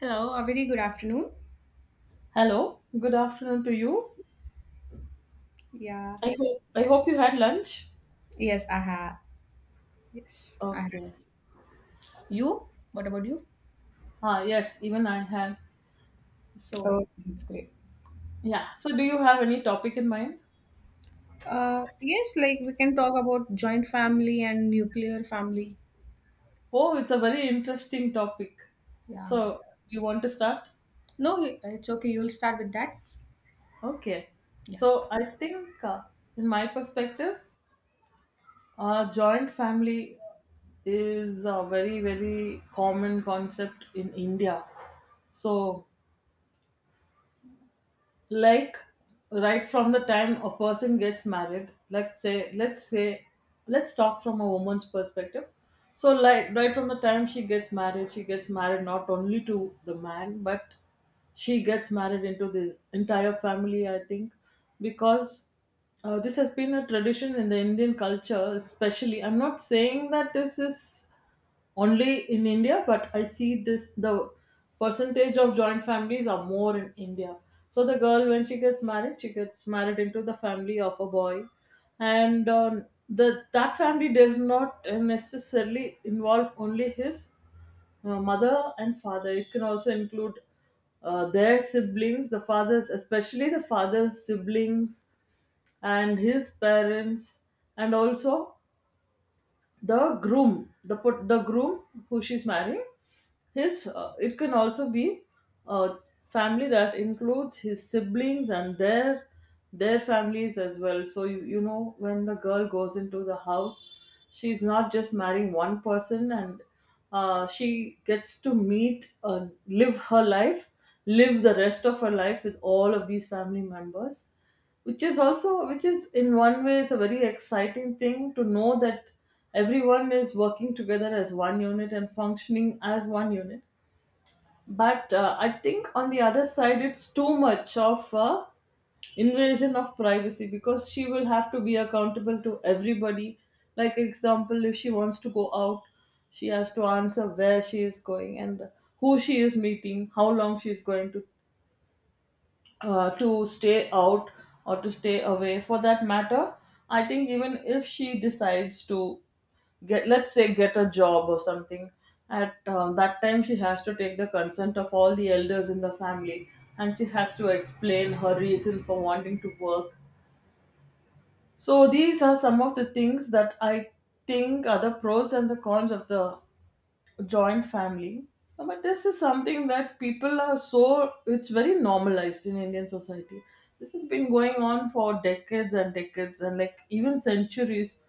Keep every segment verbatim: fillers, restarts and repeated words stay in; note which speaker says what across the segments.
Speaker 1: Hello, a very good afternoon.
Speaker 2: Hello, good afternoon to you.
Speaker 1: Yeah.
Speaker 2: I hope I hope you had lunch.
Speaker 1: Yes, I have. Yes, I have.
Speaker 2: Okay.
Speaker 1: You? What about you?
Speaker 2: Ah, yes, even I had.
Speaker 1: Oh,
Speaker 2: So,
Speaker 1: that's great.
Speaker 2: yeah. So, do you have any topic in mind?
Speaker 1: Uh, yes, like we can talk about joint family and nuclear family.
Speaker 2: Oh, it's a very interesting topic.
Speaker 1: Yeah.
Speaker 2: So, you want to start?
Speaker 1: No, it's okay. You'll start with that.
Speaker 2: Okay.
Speaker 1: Yeah.
Speaker 2: So, I think, uh, in my perspective, uh, joint family is a very, very common concept in India. So, like right from the time a person gets married, let's say let's say let's talk from a woman's perspective. So, like right from the time she gets married, she gets married not only to the man, but she gets married into the entire family, I think, because uh, this has been a tradition in the Indian culture, especially. I'm not saying that this is only in India, but I see this, the percentage of joint families are more in India. So the girl, when she gets married, she gets married into the family of a boy, and um, the that family does not necessarily involve only his uh, mother and father. It can also include uh, their siblings, the fathers, especially the father's siblings and his parents, and also the groom the put the groom who she's marrying. His, uh, it can also be a family that includes his siblings and their their families as well. So you, you know, when the girl goes into the house, she's not just marrying one person, and uh, she gets to meet and live her life, live the rest of her life with all of these family members, which is also, which is in one way, it's a very exciting thing to know that everyone is working together as one unit and functioning as one unit. But uh, I think on the other side, it's too much of a invasion of privacy, because she will have to be accountable to everybody, like example, if she wants to go out, she has to answer where she is going and who she is meeting, how long she is going to uh, to stay out or to stay away for that matter. I think even if she decides to get, let's say get a job or something, at uh, that time she has to take the consent of all the elders in the family, and she has to explain her reason for wanting to work. So these are some of the things that I think are the pros and the cons of the joint family. Uh, But this is something that people are so, it's very normalized in Indian society. This has been going on for decades and decades and like even centuries.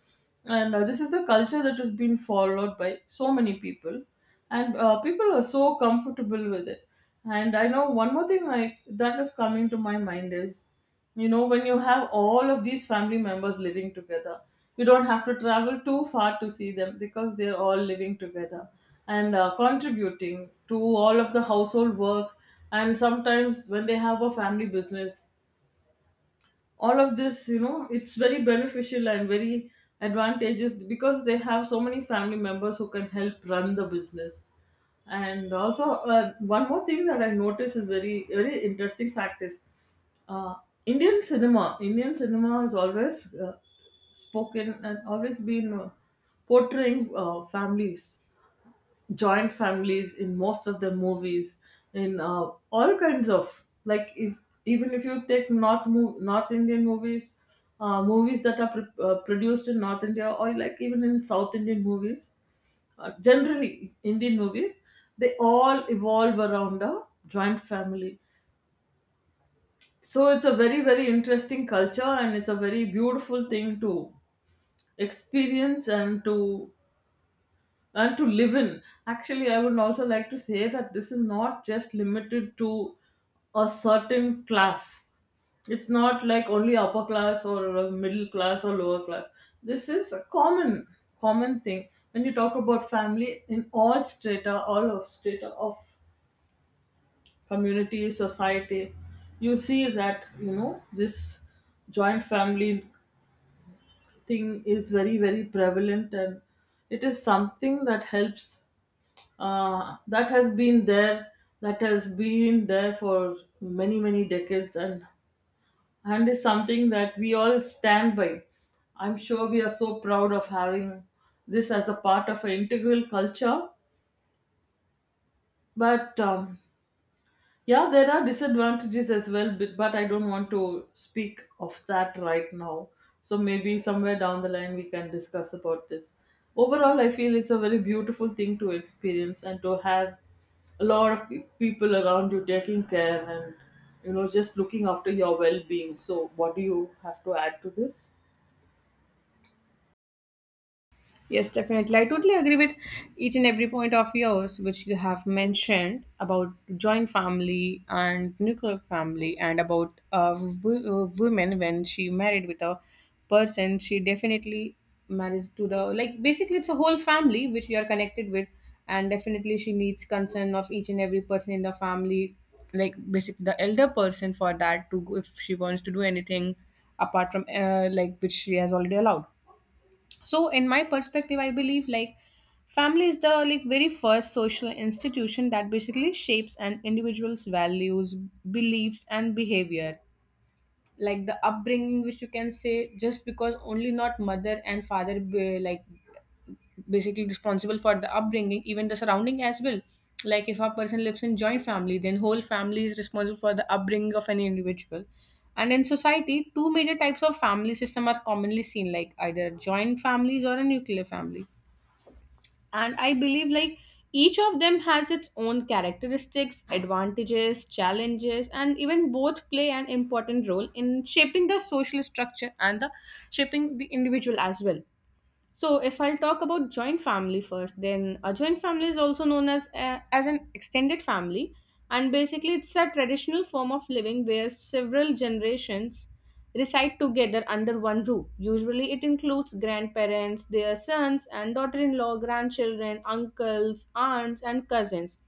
Speaker 2: And uh, this is the culture that has been followed by so many people. And uh, people are so comfortable with it. And I know one more thing I, that is coming to my mind is, you know, when you have all of these family members living together, you don't have to travel too far to see them because they're all living together and uh, contributing to all of the household work. And sometimes when they have a family business, all of this, you know, it's very beneficial and very advantageous, because they have so many family members who can help run the business. And also, uh, one more thing that I noticed is very, very interesting fact is, uh, indian cinema Indian cinema has always uh, spoken and always been uh, portraying uh, families, joint families in most of the movies, in uh, all kinds of, like, if even if you take north mov- north Indian movies, uh, movies that are pr- uh, produced in north India, or like even in south Indian movies, uh, generally Indian movies, they all evolve around a joint family. So it's a very, very interesting culture, and it's a very beautiful thing to experience and to, and to live in. Actually, I would also like to say that this is not just limited to a certain class. It's not like only upper class or uh, middle class or lower class. This is a common, common thing. When you talk about family in all strata, all of strata of community, society, you see that, you know, this joint family thing is very, very prevalent, and it is something that helps, uh, that has been there, that has been there for many, many decades, and and is something that we all stand by. I'm sure we are so proud of having this as a part of an integral culture. But um, yeah, there are disadvantages as well, but but I don't want to speak of that right now. So maybe somewhere down the line we can discuss about this. Overall, I feel it's a very beautiful thing to experience and to have a lot of pe- people around you taking care and, you know, just looking after your well-being. So what do you have to add to this?
Speaker 1: Yes, definitely. I totally agree with each and every point of yours, which you have mentioned about joint family and nuclear family, and about a w- woman when she married with a person, she definitely marries to the, like, basically it's a whole family which you are connected with, and definitely she needs concern of each and every person in the family, like basically the elder person for that to go if she wants to do anything apart from uh, like which she has already allowed. So in my perspective I believe like family is the, like, very first social institution that basically shapes an individual's values, beliefs and behavior. Like the upbringing, which you can say just because only not mother and father be, like, basically responsible for the upbringing, even the surrounding as well. Like if a person lives in joint family, then whole family is responsible for the upbringing of any individual. And in society two major types of family system are commonly seen, like either joint families or a nuclear family. And I believe like each of them has its own characteristics, advantages, challenges and even both play an important role in shaping the social structure and the shaping the individual as well. So, if I'll talk about joint family first, then a joint family is also known as a, as an extended family, and basically it's a traditional form of living where several generations reside together under one roof. Usually, it includes grandparents, their sons and daughter-in-law, grandchildren, uncles, aunts, and cousins.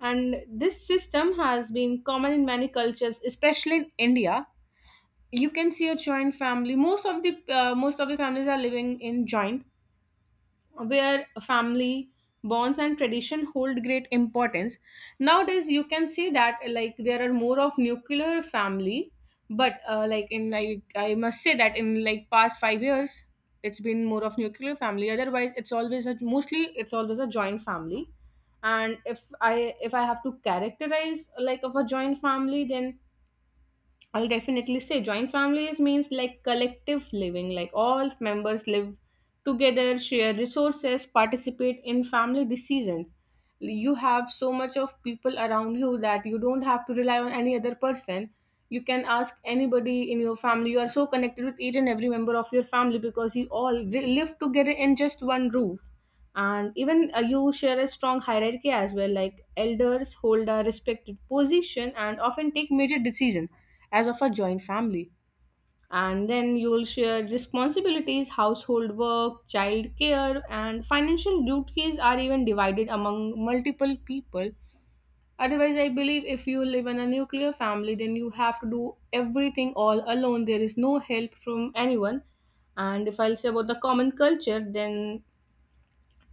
Speaker 1: And this system has been common in many cultures, especially in India. You can see a joint family. Most of the uh, most of the families are living in joint, where family bonds and tradition hold great importance. Nowadays you can see that, like, there are more of nuclear family, but uh, like, in I, I must say that in like past five years it's been more of nuclear family, otherwise it's always a, mostly it's always a joint family. And if i if i have to characterize like of a joint family, then I'll definitely say joint families means like collective living, like all members live together, share resources, participate in family decisions. You have so much of people around you that you don't have to rely on any other person. You can ask anybody in your family. You are so connected with each and every member of your family because you all re- live together in just one roof. And even uh, you share a strong hierarchy as well, like elders hold a respected position and often take major decisions as of a joint family. And then you will share responsibilities, household work, child care and financial duties are even divided among multiple people. Otherwise I believe if you live in a nuclear family then you have to do everything all alone. There is no help from anyone. And if I'll say about the common culture, then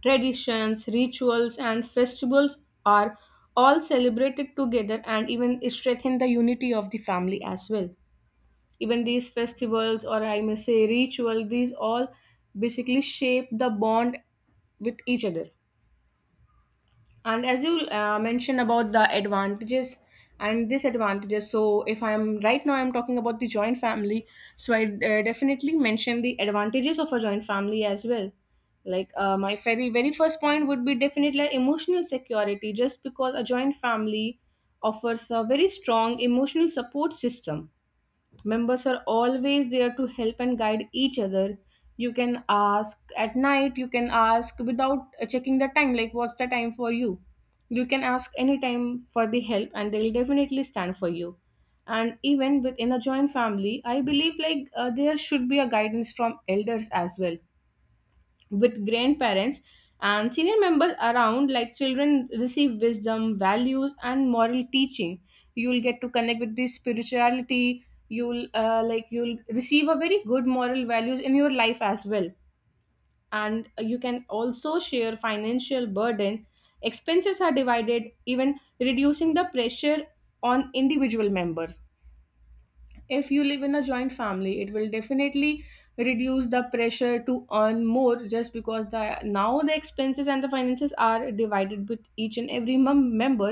Speaker 1: traditions, rituals, and festivals are all celebrated together and even strengthen the unity of the family as well. Even these festivals, or I may say ritual, these all basically shape the bond with each other. And as you uh, mentioned about the advantages and disadvantages, so if I'm right now I'm talking about the joint family, so I uh, definitely mention the advantages of a joint family as well. Like uh, my very very first point would be definitely emotional security, just because a joint family offers a very strong emotional support system. Members are always there to help and guide each other. You can ask at night, you can ask without uh, checking the time, like what's the time for you. You can ask any time for the help and they'll definitely stand for you. And even within a joint family, I believe like uh, there should be a guidance from elders as well, with grandparents and senior members around, like children receive wisdom, values and moral teaching. You'll get to connect with the spirituality. You'll uh, like, you'll receive a very good moral values in your life as well. And you can also share financial burden. Expenses are divided, even reducing the pressure on individual members. If you live in a joint family it will definitely reduce the pressure to earn more, just because the now the expenses and the finances are divided with each and every mem- member.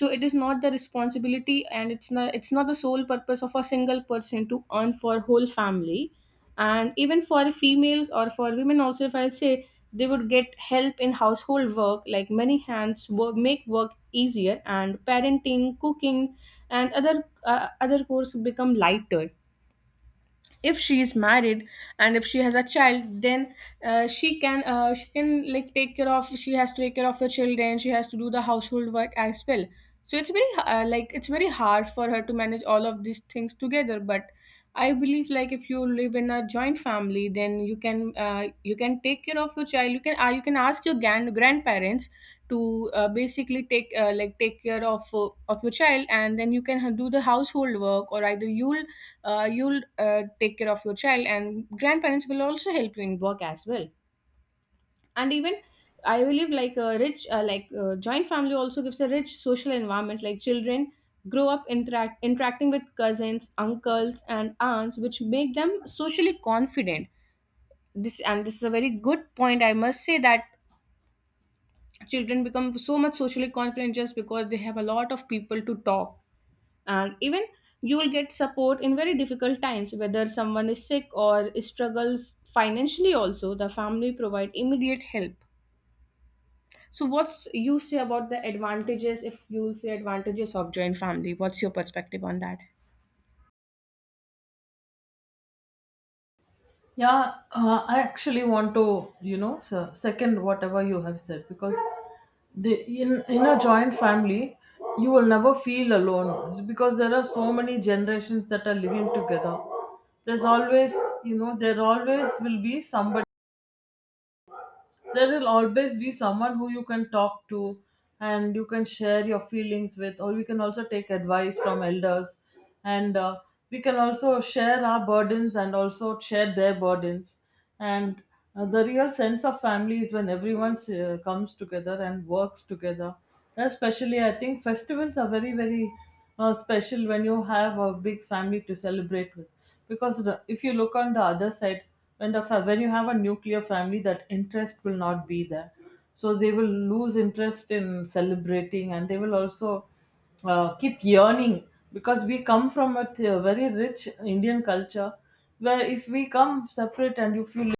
Speaker 1: So it is not the responsibility and it's not it's not the sole purpose of a single person to earn for whole family. And even for females or for women also, if I say, they would get help in household work, like many hands work, make work easier, and parenting, cooking and other uh, other chores become lighter. If she is married and if she has a child, then uh, she can uh, she can like take care of she has to take care of her children, she has to do the household work as well. So it's very uh, like, it's very hard for her to manage all of these things together. But I believe like if you live in a joint family then you can uh, you can take care of your child, you can uh, you can ask your gran- grandparents to uh, basically take uh, like take care of uh, of your child and then you can do the household work, or either you'll uh, you'll uh, take care of your child and grandparents will also help you in work as well. And even I believe like a rich uh, like uh, joint family also gives a rich social environment, like children grow up interact interacting with cousins, uncles and aunts, which make them socially confident. This, and this is a very good point I must say, that children become so much socially confident just because they have a lot of people to talk. And even you will get support in very difficult times, whether someone is sick or struggles financially, also the family provide immediate help. So what's you say about the advantages? If you will say advantages of joint family, what's your perspective on that?
Speaker 2: Yeah, uh, I actually want to, you know, se- second whatever you have said, because the in in a joint family, you will never feel alone because there are so many generations that are living together. There's always, you know, there always will be somebody there will always be someone who you can talk to and you can share your feelings with, or we can also take advice from elders, and uh, we can also share our burdens and also share their burdens. And uh, the real sense of family is when everyone uh, comes together and works together. Especially, I think festivals are very, very uh, special when you have a big family to celebrate with. Because the, if you look on the other side, when the fa- when you have a nuclear family, that interest will not be there. So they will lose interest in celebrating, and they will also uh, keep yearning, because we come from a th- very rich Indian culture, where if we come separate and you feel,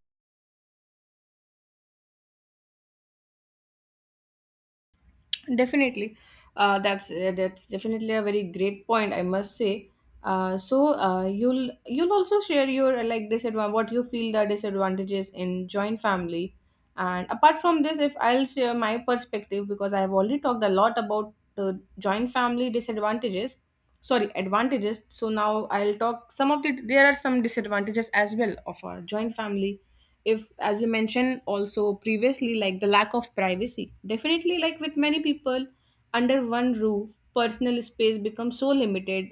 Speaker 1: Definitely, uh, that's uh, that's definitely a very great point. I must say. Uh, so uh, you'll you'll also share your uh, like disadvantage, what you feel the disadvantages in joint family. And apart from this, if I'll share my perspective, because I have already talked a lot about the joint family disadvantages, sorry, advantages. So now I'll talk some of the, there are some disadvantages as well of a joint family. If, as you mentioned also previously, like the lack of privacy, definitely, like with many people under one roof personal space becomes so limited.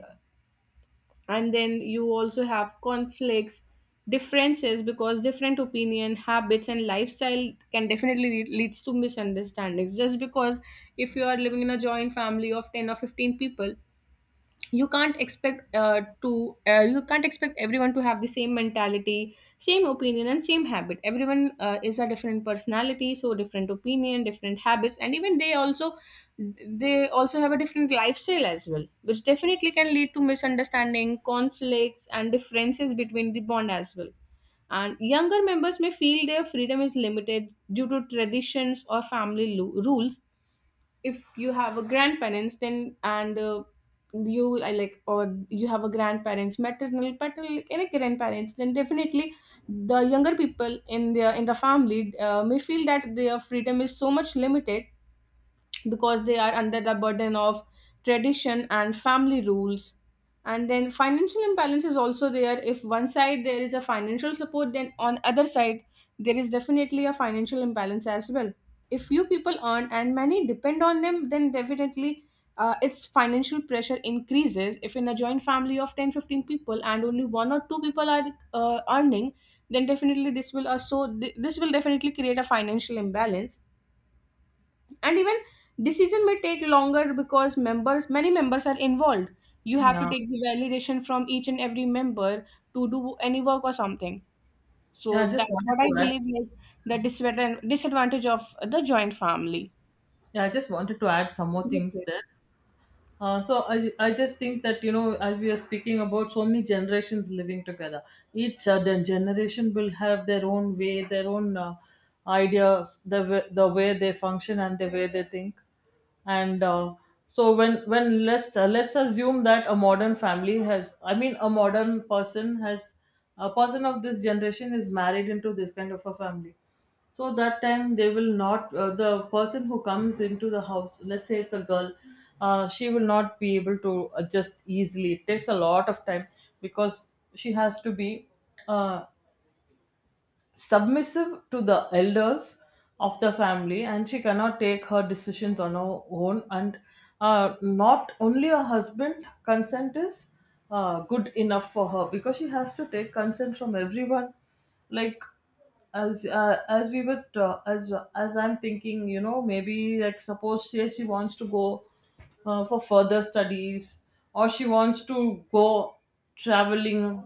Speaker 1: And then you also have conflicts, differences, because different opinion, habits and lifestyle can definitely lead, leads to misunderstandings. Just because if you are living in a joint family of ten or fifteen people, you can't expect uh, to uh, you can't expect everyone to have the same mentality, same opinion and same habit. Everyone uh, is a different personality, so different opinion, different habits, and even they also they also have a different lifestyle as well, which definitely can lead to misunderstanding, conflicts and differences between the bond as well. And younger members may feel their freedom is limited due to traditions or family lo- rules. If you have a grandparents, then and uh, you I like or you have a grandparents, maternal, paternal, like any grandparents, then definitely the younger people in the in the family uh, may feel that their freedom is so much limited because they are under the burden of tradition and family rules. And then financial imbalance is also there. If one side there is a financial support, then on other side there is definitely a financial imbalance as well. If few people earn and many depend on them, then definitely uh, its financial pressure increases. If in a joint family of ten, fifteen people and only one or two people are uh, earning, then definitely this will also this will definitely create a financial imbalance. And even decision may take longer because members many members are involved. You have to
Speaker 2: yeah.
Speaker 1: take the validation from each and every member to do any work or something. So
Speaker 2: Yeah, I just
Speaker 1: that's
Speaker 2: wanted
Speaker 1: what I
Speaker 2: to add,
Speaker 1: believe, like, the disadvan- disadvantage of the joint family.
Speaker 2: yeah, I just wanted to add some more
Speaker 1: Yes,
Speaker 2: things
Speaker 1: yes.
Speaker 2: there. Uh, so I, I just think that, you know, as we are speaking about so many generations living together, each uh, gen- generation will have their own way, their own uh, ideas, the, w- the way they function and the way they think. And uh, so when when let's uh, let's assume that a modern family has, I mean a modern person has, a person of this generation is married into this kind of a family. So that time they will not, uh, the person who comes into the house, let's say it's a girl, uh, she will not be able to adjust easily, it takes a lot of time, because she has to be uh, submissive to the elders of the family, and she cannot take her decisions on her own, and uh, not only her husband consent is uh, good enough for her, because she has to take consent from everyone. Like, as uh, as we were uh, as as I'm thinking, you know, maybe like suppose say she wants to go uh, for further studies, or she wants to go traveling,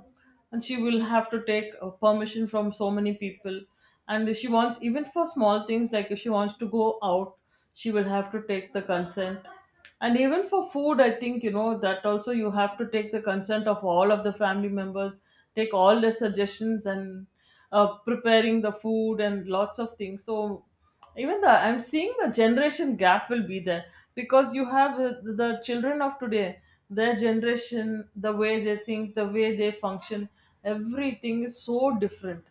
Speaker 2: and she will have to take uh, permission from so many people. And if she wants, even for small things like if she wants to go out, she will have to take the consent. And even for food, I think, you know, that also you have to take the consent of all of the family members, take all their suggestions, and uh, preparing the food and lots of things. So even the, I'm seeing the generation gap will be there, because you have uh, the children of today, their generation, the way they think, the way they function, everything is so different.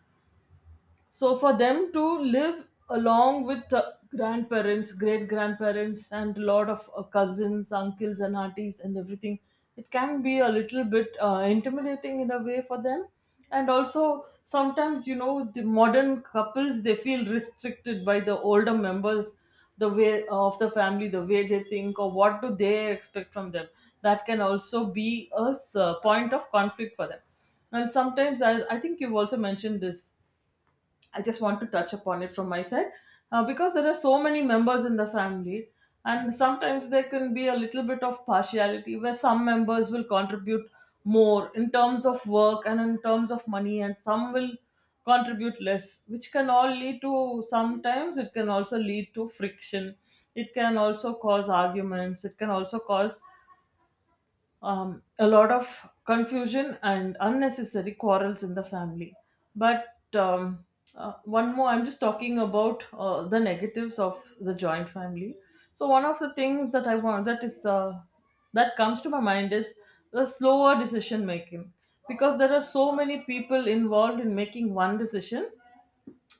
Speaker 2: So for them to live along with uh, grandparents, great grandparents, and a lot of uh, cousins, uncles, and aunties, and everything, it can be a little bit uh, intimidating in a way for them. And also, sometimes, you know, the modern couples, they feel restricted by the older members, the way uh, of the family, the way they think, or what do they expect from them. That can also be a s- uh, point of conflict for them. And sometimes, I, I think you've also mentioned this, I just want to touch upon it from my side. Uh, because there are so many members in the family, and sometimes there can be a little bit of partiality, where some members will contribute more in terms of work and in terms of money, and some will contribute less, which can all lead to, sometimes it can also lead to friction, it can also cause arguments, it can also cause um, a lot of confusion and unnecessary quarrels in the family. But um, uh, one more, I'm just talking about uh, the negatives of the joint family. So one of the things that I want that is uh, that comes to my mind is the slower decision making, because there are so many people involved in making one decision.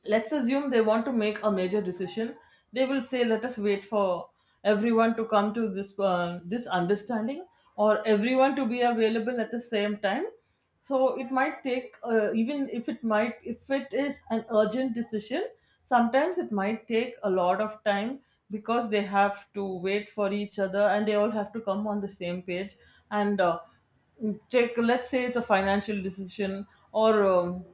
Speaker 2: Let's assume they want to make a major decision. They will say let us wait for everyone to come to this uh, this understanding, or everyone to be available at the same time. So it might take uh, even if it might if it is an urgent decision, sometimes it might take a lot of time because they have to wait for each other and they all have to come on the same page. And uh, Take, let's say it's a financial decision, or um,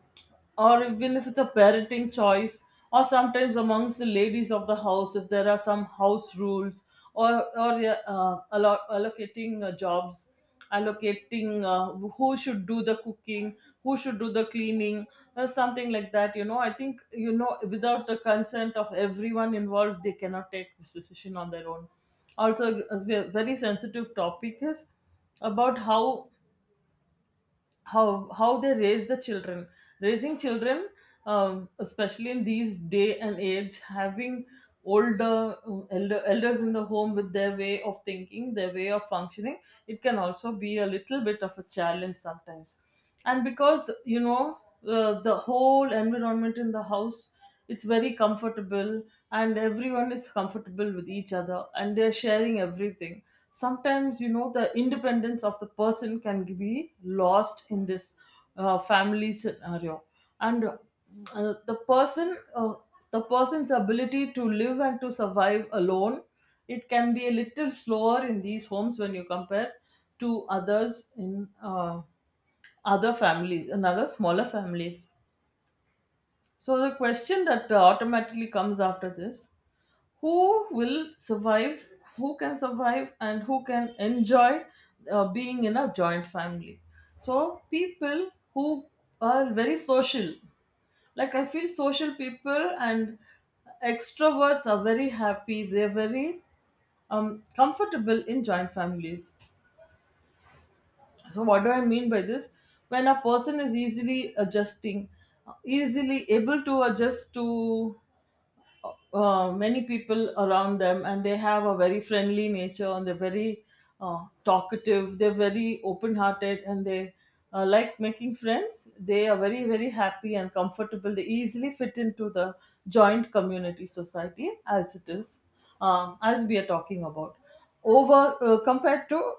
Speaker 2: or even if it's a parenting choice, or sometimes amongst the ladies of the house, if there are some house rules, or or uh, allo- allocating uh, jobs, allocating uh, who should do the cooking, who should do the cleaning or something like that. You know, I think, you know, without the consent of everyone involved, they cannot take this decision on their own. Also a ve- very sensitive topic is about how how how they raise the children. Raising children, um, especially in these day and age, having older elder, elders in the home with their way of thinking, their way of functioning, it can also be a little bit of a challenge sometimes. And because, you know, uh, the whole environment in the house, it's very comfortable and everyone is comfortable with each other and they're sharing everything. Sometimes, you know, the independence of the person can be lost in this uh, family scenario. And uh, the person uh, The person's ability to live and to survive alone, it can be a little slower in these homes when you compare to others in uh, other families, another smaller families. So the question that uh, automatically comes after this: who will survive? Who can survive, and who can enjoy uh, being in a joint family? So people who are very social, like I feel social people and extroverts are very happy. They're very um, comfortable in joint families. So, what do I mean by this? When a person is easily adjusting, easily able to adjust to uh, many people around them, and they have a very friendly nature, and they're very uh, talkative, they're very open hearted, and they uh, like making friends, they are very, very happy and comfortable. They easily fit into the joint community society as it is, um, as we are talking about, over uh, compared to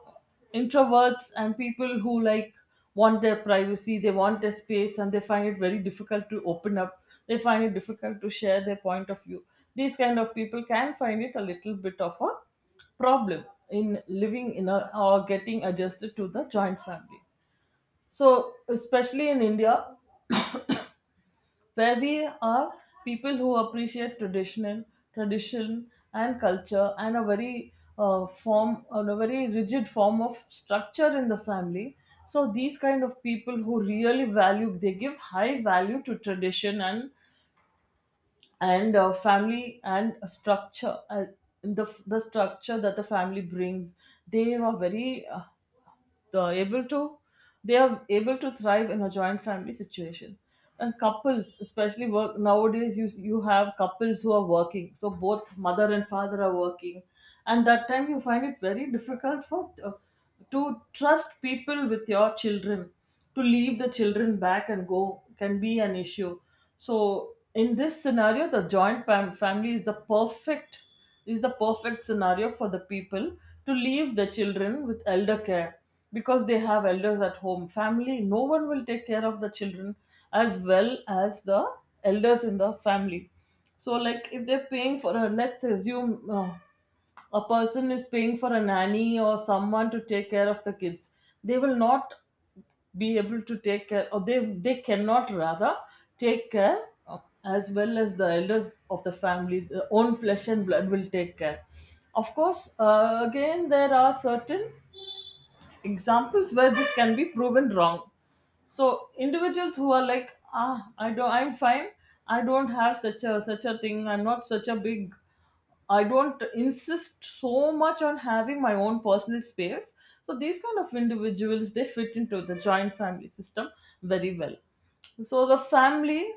Speaker 2: introverts and people who like want their privacy, they want their space, and they find it very difficult to open up, they find it difficult to share their point of view. These kind of people can find it a little bit of a problem in living in a, or getting adjusted to the joint family. So especially in India, where we are, people who appreciate traditional tradition and culture, and a very uh, form on a very rigid form of structure in the family, so these kind of people who really value, they give high value to tradition, and and uh, family and structure, uh, the the structure that the family brings, they are very uh, uh, able to, they are able to thrive in a joint family situation. And couples especially work nowadays, you you have couples who are working, so both mother and father are working, and that time you find it very difficult for uh, to trust people with your children, to leave the children back and go can be an issue. So in this scenario the joint fam- family is the perfect, is the perfect scenario for the people to leave their children with elder care, because they have elders at home, family, no one will take care of the children as well as the elders in the family. So like, if they're paying for a, let's assume uh, a person is paying for a nanny or someone to take care of the kids, they will not be able to take care, or they they cannot rather take care of, as well as the elders of the family. The own flesh and blood will take care. Of course uh, again, there are certain examples where this can be proven wrong. So individuals who are like, ah, I don't, I'm fine, I don't have such a, such a thing, I'm not such a big, I don't insist so much on having my own personal space. So these kind of individuals, they fit into the joint family system very well. So the family,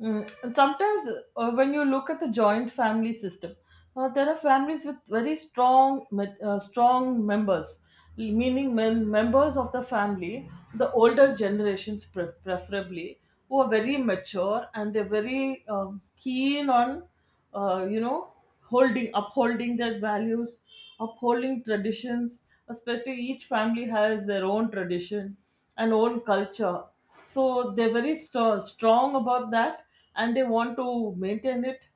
Speaker 2: mm, and sometimes uh, when you look at the joint family system, uh, there are families with very strong, met- uh, strong members, meaning men, members of the family, the older generations pre- preferably, who are very mature and they're very um, keen on, uh, you know, holding upholding their values, upholding traditions. Especially each family has their own tradition and own culture, so they're very st- strong about that, and they want to maintain it.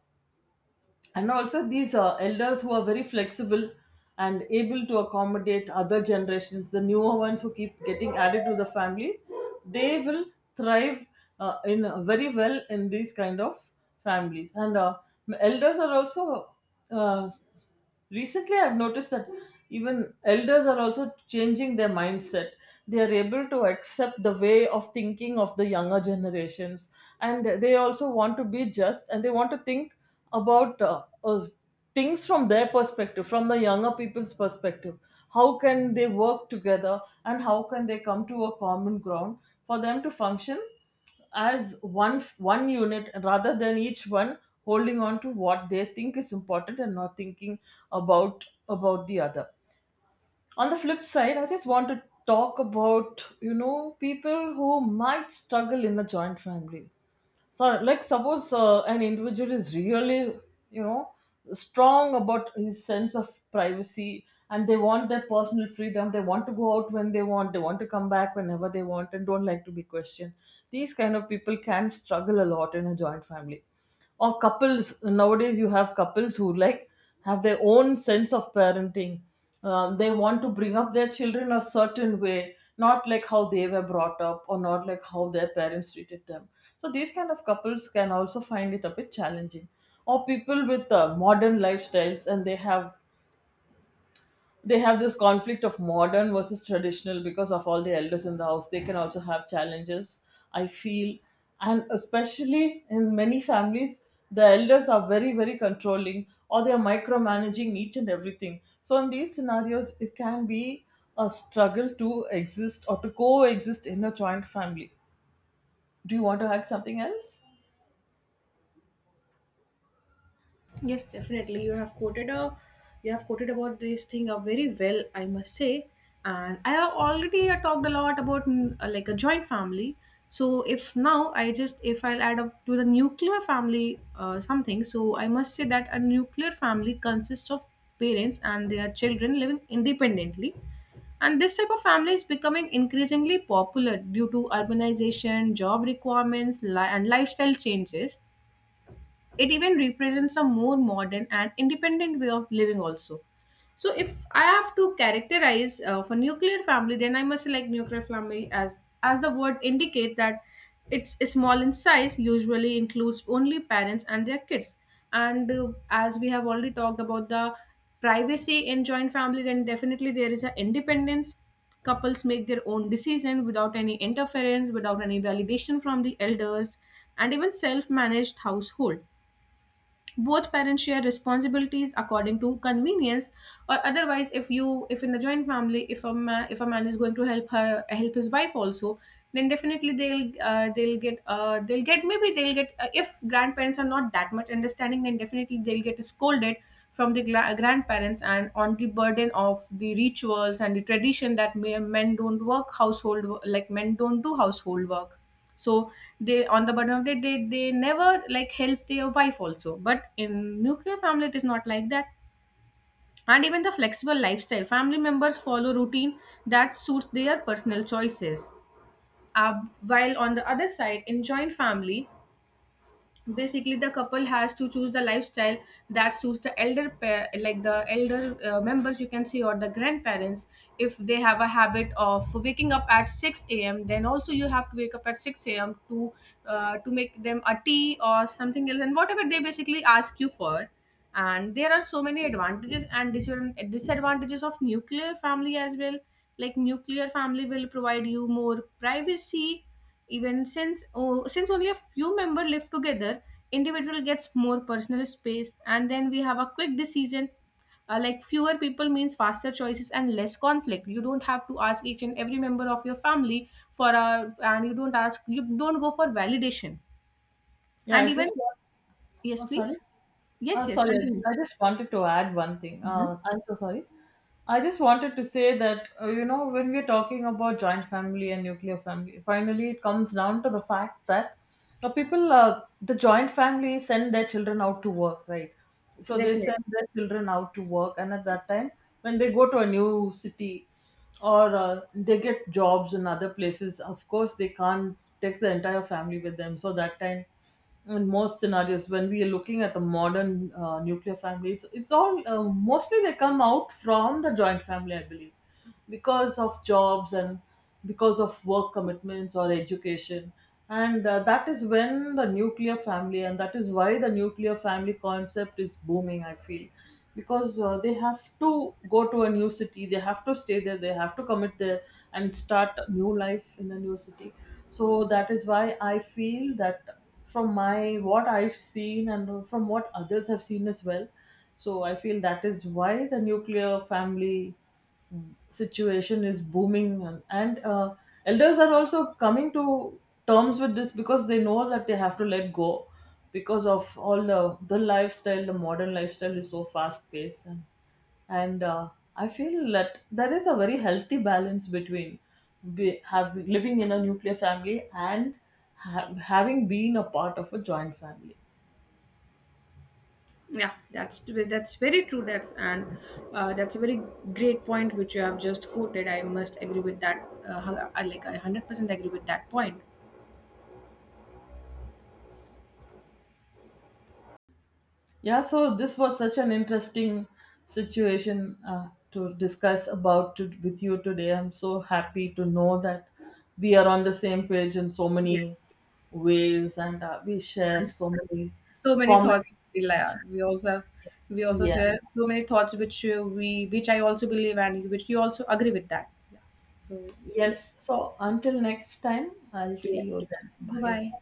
Speaker 2: And also these uh, elders who are very flexible and able to accommodate other generations, the newer ones who keep getting added to the family, they will thrive uh, in uh, very well in these kind of families. And uh, Elders are also uh, recently, I've noticed that, even elders are also changing their mindset. They are able to accept the way of thinking of the younger generations, and they also want to be just, and they want to think about uh, uh, things from their perspective, from the younger people's perspective, how can they work together and how can they come to a common ground for them to function as one one unit, rather than each one holding on to what they think is important and not thinking about about the other. On the flip side, I just want to talk about, you know, people who might struggle in a joint family. So like, suppose uh, an individual is really, you know, strong about his sense of privacy, and they want their personal freedom, they want to go out when they want, they want to come back whenever they want, and don't like to be questioned. These kind of people can struggle a lot in a joint family. Or couples, nowadays you have couples who like have their own sense of parenting. Um, they want to bring up their children a certain way, not like how they were brought up or not like how their parents treated them. So these kind of couples can also find it a bit challenging. Or people with uh, modern lifestyles, and they have, they have this conflict of modern versus traditional, because of all the elders in the house they can also have challenges, I feel. And especially in many families, the elders are very, very controlling, or they are micromanaging each and everything. So in these scenarios it can be a struggle to exist or to coexist in a joint family. Do you want to add something else?
Speaker 1: Yes, definitely. You have quoted a you have quoted about this thing uh, very well, I must say. And I have already uh, talked a lot about mm, uh, like a joint family. So if now I just, if I'll add up to the nuclear family uh, something, so I must say that a nuclear family consists of parents and their children living independently. And this type of family is becoming increasingly popular due to urbanization, job requirements, li- and lifestyle changes. It even represents a more modern and independent way of living also. So if I have to characterize uh, for nuclear family, then I must select nuclear family as as the word indicate that it's small in size, usually includes only parents and their kids. And uh, as we have already talked about the privacy in joint family, then definitely there is an independence. Couples make their own decision without any interference, without any validation from the elders. And even self-managed household, both parents share responsibilities according to convenience. Or otherwise, if you, if in the joint family, if a man if a man is going to help her, help his wife also, then definitely they'll uh, they'll get uh, they'll get maybe they'll get uh, if grandparents are not that much understanding, then definitely they'll get scolded from the gra- grandparents, and on the burden of the rituals and the tradition that may- men don't work household wo- like men don't do household work. So they, on the burden of the day, they never like help their wife also. But in nuclear family it is not like that. And even the flexible lifestyle, family members follow routine that suits their personal choices. Uh, while on the other side in joint family, basically the couple has to choose the lifestyle that suits the elder pair, like the elder uh, members you can see, or the grandparents. If they have a habit of waking up at six a.m then also you have to wake up at six a.m to uh, to make them a tea or something else and whatever they basically ask you for. And there are so many advantages and dis- disadvantages of nuclear family as well. Like nuclear family will provide you more privacy, even since oh, since only a few members live together, individual gets more personal space. And then we have a quick decision. Uh, like fewer people means faster choices and less conflict. You don't have to ask each and every member of your family for a, and you don't ask you don't go for validation.
Speaker 2: Yeah,
Speaker 1: And
Speaker 2: I
Speaker 1: even
Speaker 2: just want.
Speaker 1: yes,
Speaker 2: Oh, sorry.
Speaker 1: please,
Speaker 2: Uh,
Speaker 1: yes, yes,
Speaker 2: sorry,
Speaker 1: continue.
Speaker 2: I just wanted to add one thing. Uh,
Speaker 1: Mhm.
Speaker 2: I'm so sorry. I just wanted to say that, uh, you know, when we're talking about joint family and nuclear family, finally it comes down to the fact that uh, people, uh, the joint family send their children out to work, right? So they
Speaker 1: Definitely.
Speaker 2: send their children out to work, and at that time, when they go to a new city, or uh, they get jobs in other places, of course they can't take the entire family with them. So that time, in most scenarios, when we are looking at the modern uh, nuclear family, it's, it's all uh, mostly they come out from the joint family, I believe, because of jobs and because of work commitments or education. And uh, That is when the nuclear family, and that is why the nuclear family concept is booming, I feel, because uh, they have to go to a new city, they have to stay there, they have to commit there and start a new life in a new city. So that is why I feel that, from my, what I've seen and from what others have seen as well. So I feel that is why the nuclear family mm, situation is booming, and, and uh, elders are also coming to terms with this, because they know that they have to let go because of all the the lifestyle, the modern lifestyle is so fast paced. And and uh, I feel that there is a very healthy balance between be, have, living in a nuclear family and ha- having been a part of a joint family.
Speaker 1: Yeah, that's that's very true. That's, and uh, that's a very great point which you have just quoted. I must agree with that. Uh, hu- I- like I hundred percent agree with that point.
Speaker 2: Yeah, so this was such an interesting situation uh, to discuss about, to, with you today. I'm so happy to know that we are on the same page in so many
Speaker 1: Yes,
Speaker 2: ways, and uh, we share
Speaker 1: and s-
Speaker 2: so many
Speaker 1: so many
Speaker 2: common.
Speaker 1: thoughts. We la- we also have, we also
Speaker 2: Yeah,
Speaker 1: share so many thoughts which uh, we which I also believe and which you also agree with that. Yeah. So yes,
Speaker 2: yes, so until next time, I'll see
Speaker 1: yes.
Speaker 2: you then.
Speaker 1: Bye
Speaker 2: Bye.
Speaker 1: bye.